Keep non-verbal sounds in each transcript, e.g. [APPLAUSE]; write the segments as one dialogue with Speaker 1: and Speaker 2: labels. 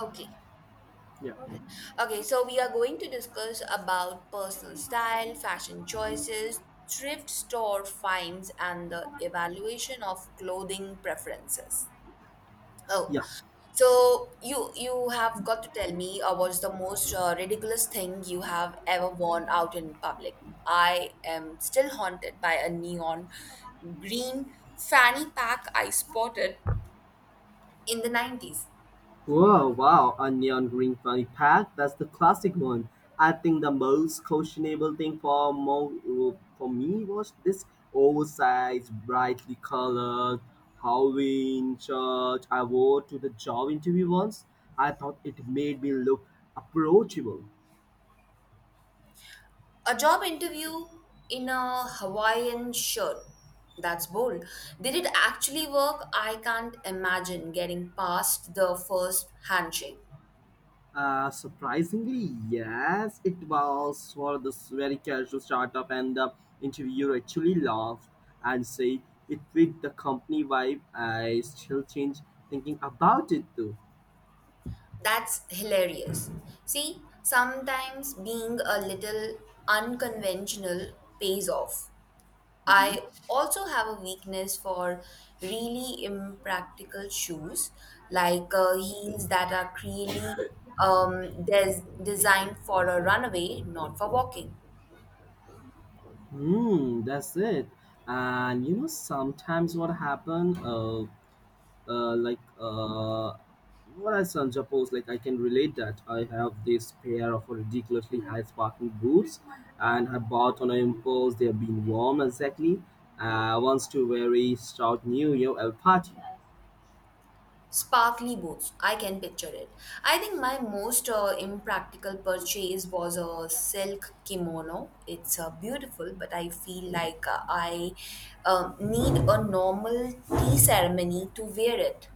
Speaker 1: Okay.
Speaker 2: Yeah.
Speaker 1: Okay, so we are going to discuss about personal style, fashion choices, thrift store finds, and the evaluation of clothing preferences. Oh,
Speaker 2: Yeah.
Speaker 1: so you have got to tell me what's the most ridiculous thing you have ever worn out in public. I am still haunted by a neon green fanny pack I spotted in the 90s.
Speaker 2: Whoa, wow, a neon green funny pack. That's the classic one. I think the most questionable thing for mo- for me was this oversized, brightly colored Halloween shirt I wore to the job interview once. I thought it made me look approachable.
Speaker 1: A job interview in a Hawaiian shirt. That's bold. Did it actually work? I can't imagine getting past the first handshake.
Speaker 2: Surprisingly, yes, it was for this very casual startup, and the interviewer actually laughed and said it fit the company vibe. I still change thinking about it though.
Speaker 1: That's hilarious. See, sometimes being a little unconventional pays off.
Speaker 2: Hmm.
Speaker 1: I also have a weakness for really impractical shoes, like heels that are clearly designed for a runaway, not for walking.
Speaker 2: Hmm, that's it. And you know, sometimes what happen? Uh, like uh, what I son suppose like I can relate that I have this pair of ridiculously high sparking boots, and I bought on an impulse. They have been warm exactly. Once to very stout New Year party.
Speaker 1: Sparkly boots. I can picture it. I think my most impractical purchase was a silk kimono. It's beautiful, but I feel like I need a normal tea ceremony to wear it.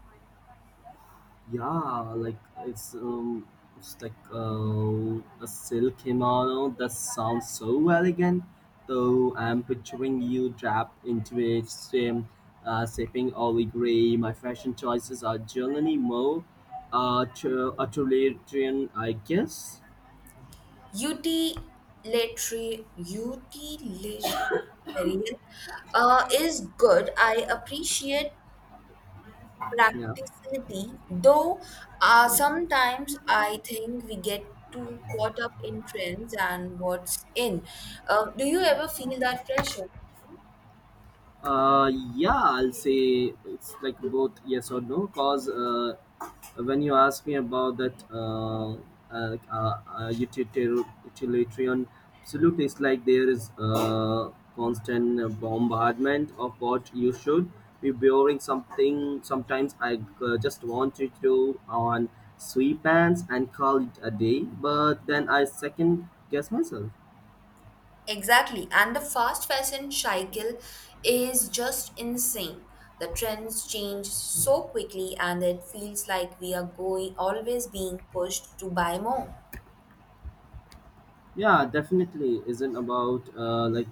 Speaker 2: Yeah, like it's like a silk kimono that sounds so elegant. Though I'm picturing you draped into it, same, sipping olive gray. My fashion choices are generally more authoritarian, I guess.
Speaker 1: Utilitarian, utilitarian is good. I appreciate
Speaker 2: Yeah.
Speaker 1: practicality, though sometimes I think we get too caught up in trends and what's in. Do you ever feel that pressure?
Speaker 2: Uh, yeah, I'll say it's like both yes or no. Cause when you ask me about that, utilitarian, utilitarian, absolutely, it's like there is constant bombardment of what you should be building something. Sometimes I just want you to on sweatpants and call it a day, but then I second guess myself.
Speaker 1: Exactly. And the fast fashion cycle is just insane. The trends change so quickly, and it feels like we are going always being pushed to buy more.
Speaker 2: Yeah, definitely isn't about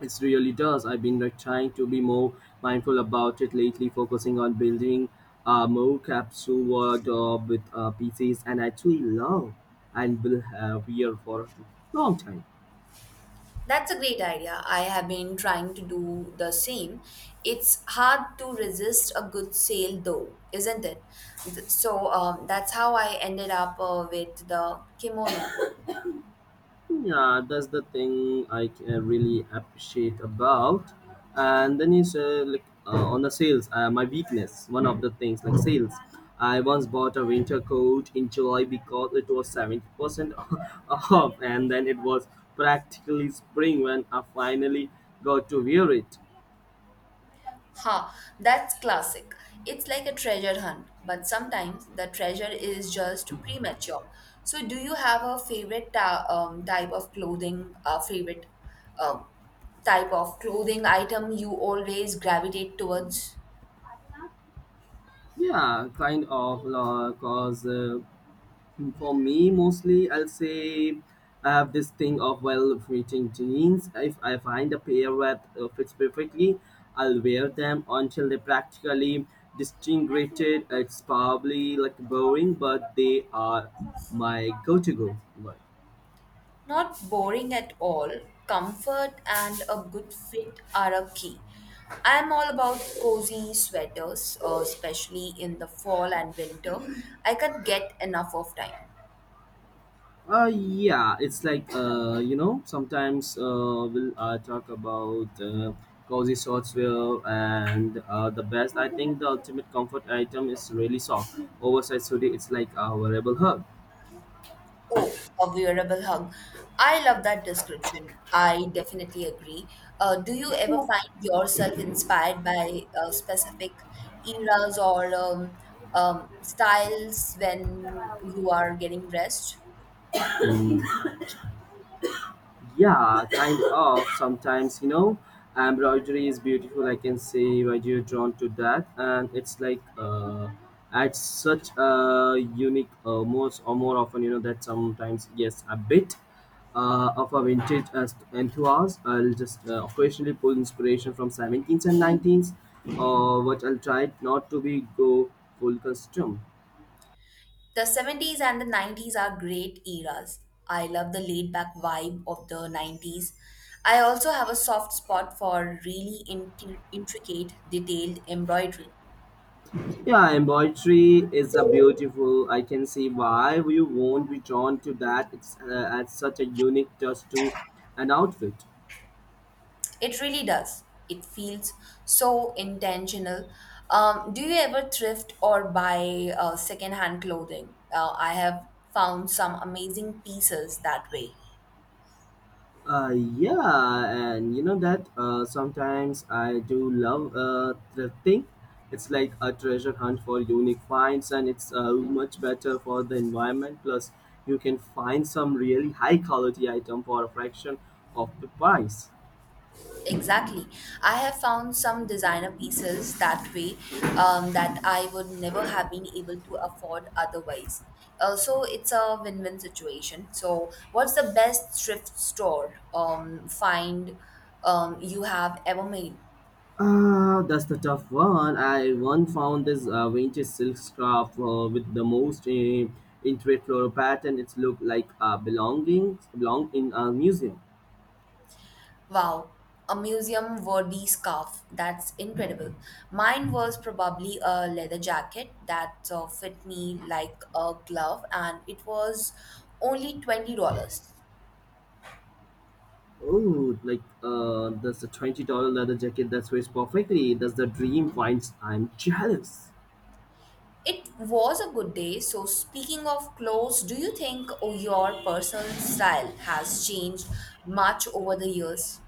Speaker 2: it really does. I've been like trying to be more mindful about it lately, focusing on building more capsule word with pieces, and actually love and will have here for a long time.
Speaker 1: That's a great idea. I have been trying to do the same. It's hard to resist a good sale, though, isn't it? So that's how I ended up with the kimono.
Speaker 2: Yeah, that's the thing I really appreciate about. And then you say like on the sales, my weakness. One of the things like sales. I once bought a winter coat in July because it was 70% [LAUGHS] off, and then it was practically spring when I finally got to wear it.
Speaker 1: Ha, that's classic. It's like a treasure hunt, but sometimes the treasure is just premature. So, do you have a favorite type of clothing, a favorite um, type of clothing item you always gravitate towards?
Speaker 2: Yeah, kind of cause For me, mostly, I'll say I have this thing of well fitting jeans. If I find a pair that fits perfectly, I'll wear them until they practically distinguished. It's probably like boring, but they are my go-to go.
Speaker 1: Not boring at all. Comfort and a good fit are a key. I'm all about cozy sweaters, especially in the fall and winter. I can't get enough of time.
Speaker 2: Yeah, it's like you know, sometimes we'll talk about cozy software and the best. I think the ultimate comfort item is really soft, oversized hoodie. It's like a wearable hug.
Speaker 1: Oh, a wearable hug. I love that description. I definitely agree. Do you ever find yourself inspired by specific eras or styles when you are getting dressed?
Speaker 2: Mm. Yeah, kind of. Sometimes, you know, embroidery is beautiful. I can see why you're drawn to that, and it's like adds such a unique, most or more often, you know, that sometimes yes, a bit of a vintage enthusiast. I'll just occasionally pull inspiration from 17th and 19th, but I'll try not to be go full custom.
Speaker 1: The 70s and the 90s are great eras. I love the laid back vibe of the 90s. I also have a soft spot for really intricate, detailed embroidery.
Speaker 2: Yeah, embroidery is a beautiful. I can see why you won't be drawn to that. It's adds such a unique touch to an outfit.
Speaker 1: It really does. It feels so intentional. Do you ever thrift or buy secondhand clothing? I have found some amazing pieces that way.
Speaker 2: Yeah, and you know that sometimes I do love thrifting. It's like a treasure hunt for unique finds, and it's much better for the environment. Plus, you can find some really high quality item for a fraction of the price.
Speaker 1: Exactly. I have found some designer pieces that way that I would never have been able to afford otherwise. So it's a win win situation. So, what's the best thrift store find you have ever made?
Speaker 2: That's the tough one. I one found this vintage silk scarf with the most intricate floral pattern. It's looked like belong in a museum.
Speaker 1: Wow, a museum worthy scarf. That's incredible. Mine was probably a leather jacket that fit me like a glove, and it was only $20.
Speaker 2: Oh, like that's a $20 leather jacket that fits perfectly. That's the dream finds. I'm jealous.
Speaker 1: It was a good day. So, speaking of clothes, do you think oh, your personal style has changed much over the years?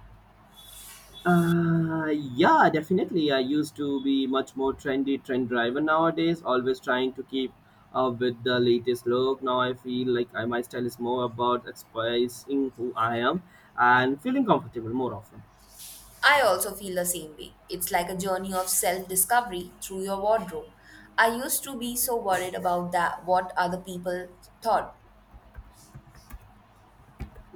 Speaker 2: Uh, yeah, definitely. I used to be much more trendy, trend driver nowadays, always trying to keep up with the latest look. Now I feel like my style is more about expressing who I am and feeling comfortable more often.
Speaker 1: I also feel the same way. It's like a journey of self discovery through your wardrobe. I used to be so worried about that, what other people thought.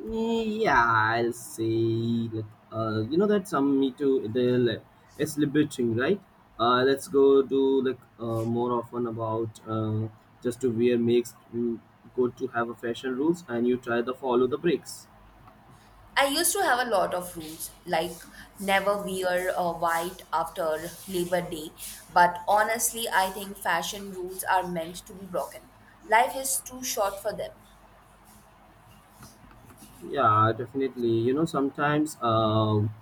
Speaker 2: Yeah, I'll say like you know that some me too they'll it's liberating, right? Let's go do like more often about just to wear makes you go to have a fashion rules and you try to follow the breaks.
Speaker 1: I used to have a lot of rules, like never wear white after Labor Day. But honestly, I think fashion rules are meant to be broken. Life is too short for them.
Speaker 2: Yeah, definitely. You know, sometimes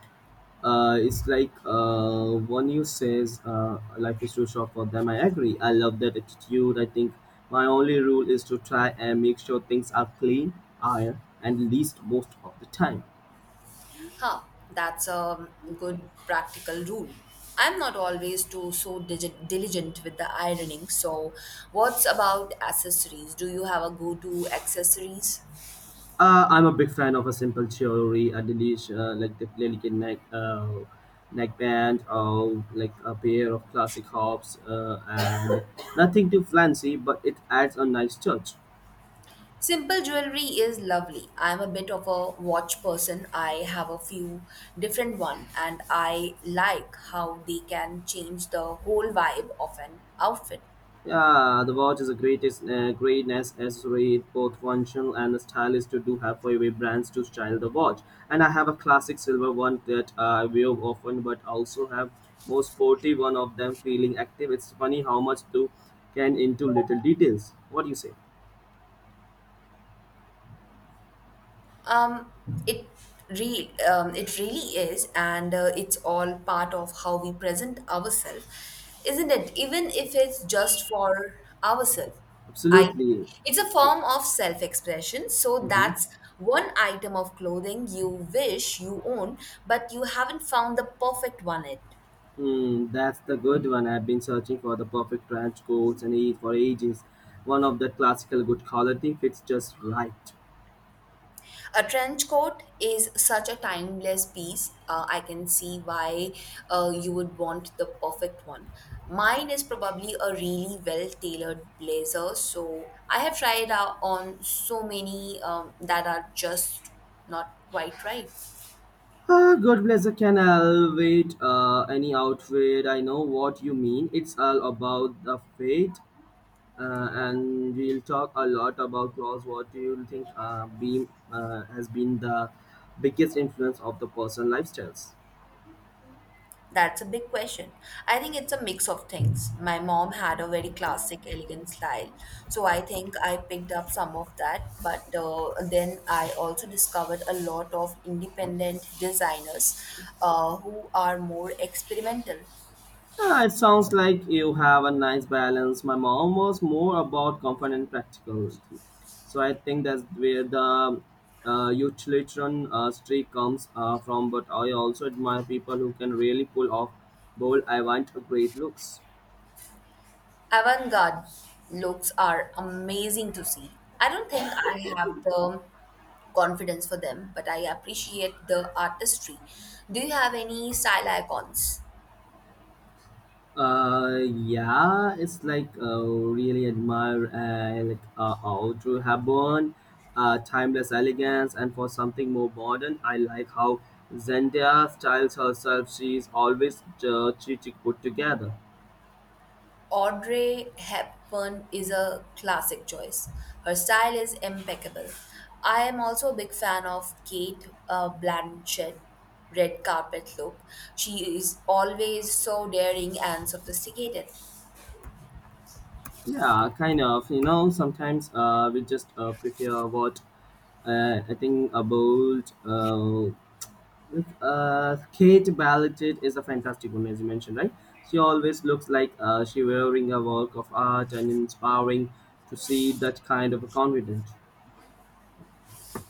Speaker 2: it's like one you says life is too short for them. I agree. I love that attitude. I think my only rule is to try and make sure things are clean, iron, and least most of the time.
Speaker 1: Huh, that's a good practical rule. I'm not always too so digi- diligent with the ironing. So, what's about accessories? Do you have a go-to accessories?
Speaker 2: I'm a big fan of a simple jewelry, a delish, like the delicate neckband, or like a pair of classic hops, and [COUGHS] nothing too fancy, but it adds a nice touch.
Speaker 1: Simple jewelry is lovely. I'm a bit of a watch person. I have a few different one and I like how they can change the whole vibe of an outfit.
Speaker 2: Yeah, the watch is a greatest greatness accessory, both functional and stylish to do have for every brands to style the watch. And I have a classic silver one that I wear often, but also have more sporty one of them feeling active. It's funny how much do can into little details. What do you say?
Speaker 1: Um, it it really is, and it's all part of how we present ourselves, isn't it? Even if it's just for ourselves, I think
Speaker 2: Absolutely.
Speaker 1: it's a
Speaker 2: Yeah.
Speaker 1: form of self-expression. So
Speaker 2: Mm-hmm.
Speaker 1: that's one item of clothing you wish you owned, but you haven't found the perfect one yet.
Speaker 2: Mm, that's the good one. I've been searching for the perfect trench coats and age for ages. One of the classical good quality fits just right.
Speaker 1: A trench coat is such a timeless piece. I can see why you would want the perfect one. Mine is probably a really well tailored blazer, so I have tried out on so many that are just not quite right.
Speaker 2: Ah, God bless. I can elevate any outfit. I know what you mean. It's all about the fate, and we'll talk a lot about clothes. What do you think beam has been the biggest influence of the personal lifestyles?
Speaker 1: That's a big question. I think it's a mix of things. My mom had a very classic, elegant style, so I think I picked up some of that. But then I also discovered a lot of independent designers who are more experimental.
Speaker 2: Ah, it sounds like you have a nice balance. My mom was more about comfort and practicality. So I think that's where the utilitarian streak comes from. But I also admire people who can really pull off bold, I want a great looks.
Speaker 1: Avant garde looks are amazing to see. I don't think I have the confidence for them, but I appreciate the artistry. Do you have any style icons?
Speaker 2: Yeah, it's like really admire Audrey Hepburn, timeless elegance, and for something more modern, I like how Zendaya styles herself. She's always chic put together.
Speaker 1: Audrey Hepburn is a classic choice. Her style is impeccable. I am also a big fan of Kate Blanchett red carpet look. She is always so daring and sophisticated.
Speaker 2: Yeah, kind of. You know, sometimes we just prefer what I think a bold, Kate Blanchett is a fantastic one, as you mentioned, right? She always looks like she wearing a work of art and inspiring to see that kind of a confidence.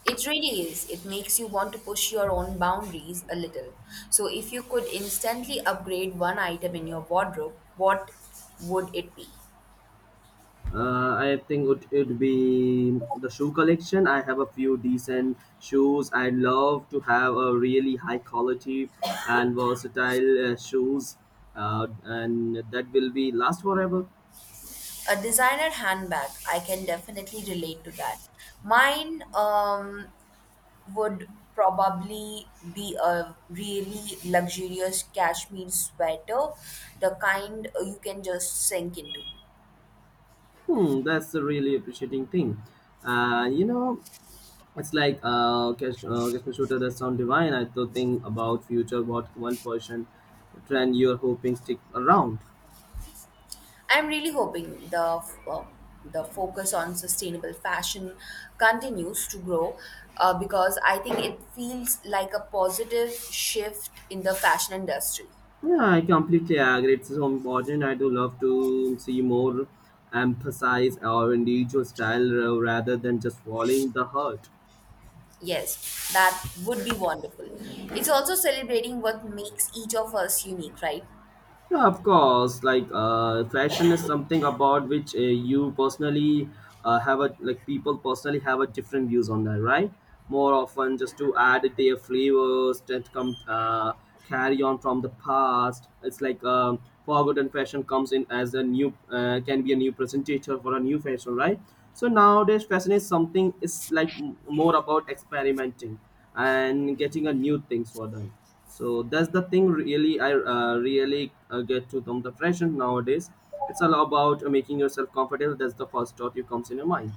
Speaker 1: It really is. It makes you want to push your own boundaries a little. So if you could instantly upgrade one item in your wardrobe, what would it be?
Speaker 2: I think it would be the shoe collection. I have a few decent shoes. I love to have a really high quality and versatile shoes, and that will be last forever.
Speaker 1: A designer handbag, I can definitely relate to that. Mine would probably be a really luxurious cashmere sweater, the kind you can just sink into.
Speaker 2: Hmm, that's a really appreciating thing. You know, it's like cash shooter that sound divine. I to think about future what one person trend you're hoping stick around.
Speaker 1: I'm really hoping uh, the focus on sustainable fashion continues to grow because I think it feels like a positive shift in the fashion industry.
Speaker 2: Yeah, I completely agree. It's so important. I do love to see more emphasize our individual style rather than just following the herd.
Speaker 1: Yes, that would be wonderful. It's also celebrating what makes each of us unique, right?
Speaker 2: Yeah, of course. Like, fashion is something about which you personally have a like people personally have a different views on that, right? More often, just to add their flavors that come carry on from the past. It's like forgotten fashion comes in as a new can be a new presentator for a new fashion, right? So nowadays, fashion is something is like more about experimenting and getting a new things for them, so that's the thing really I really get to from the fashion nowadays. It's all about making yourself comfortable. That's the first thought you comes in your mind.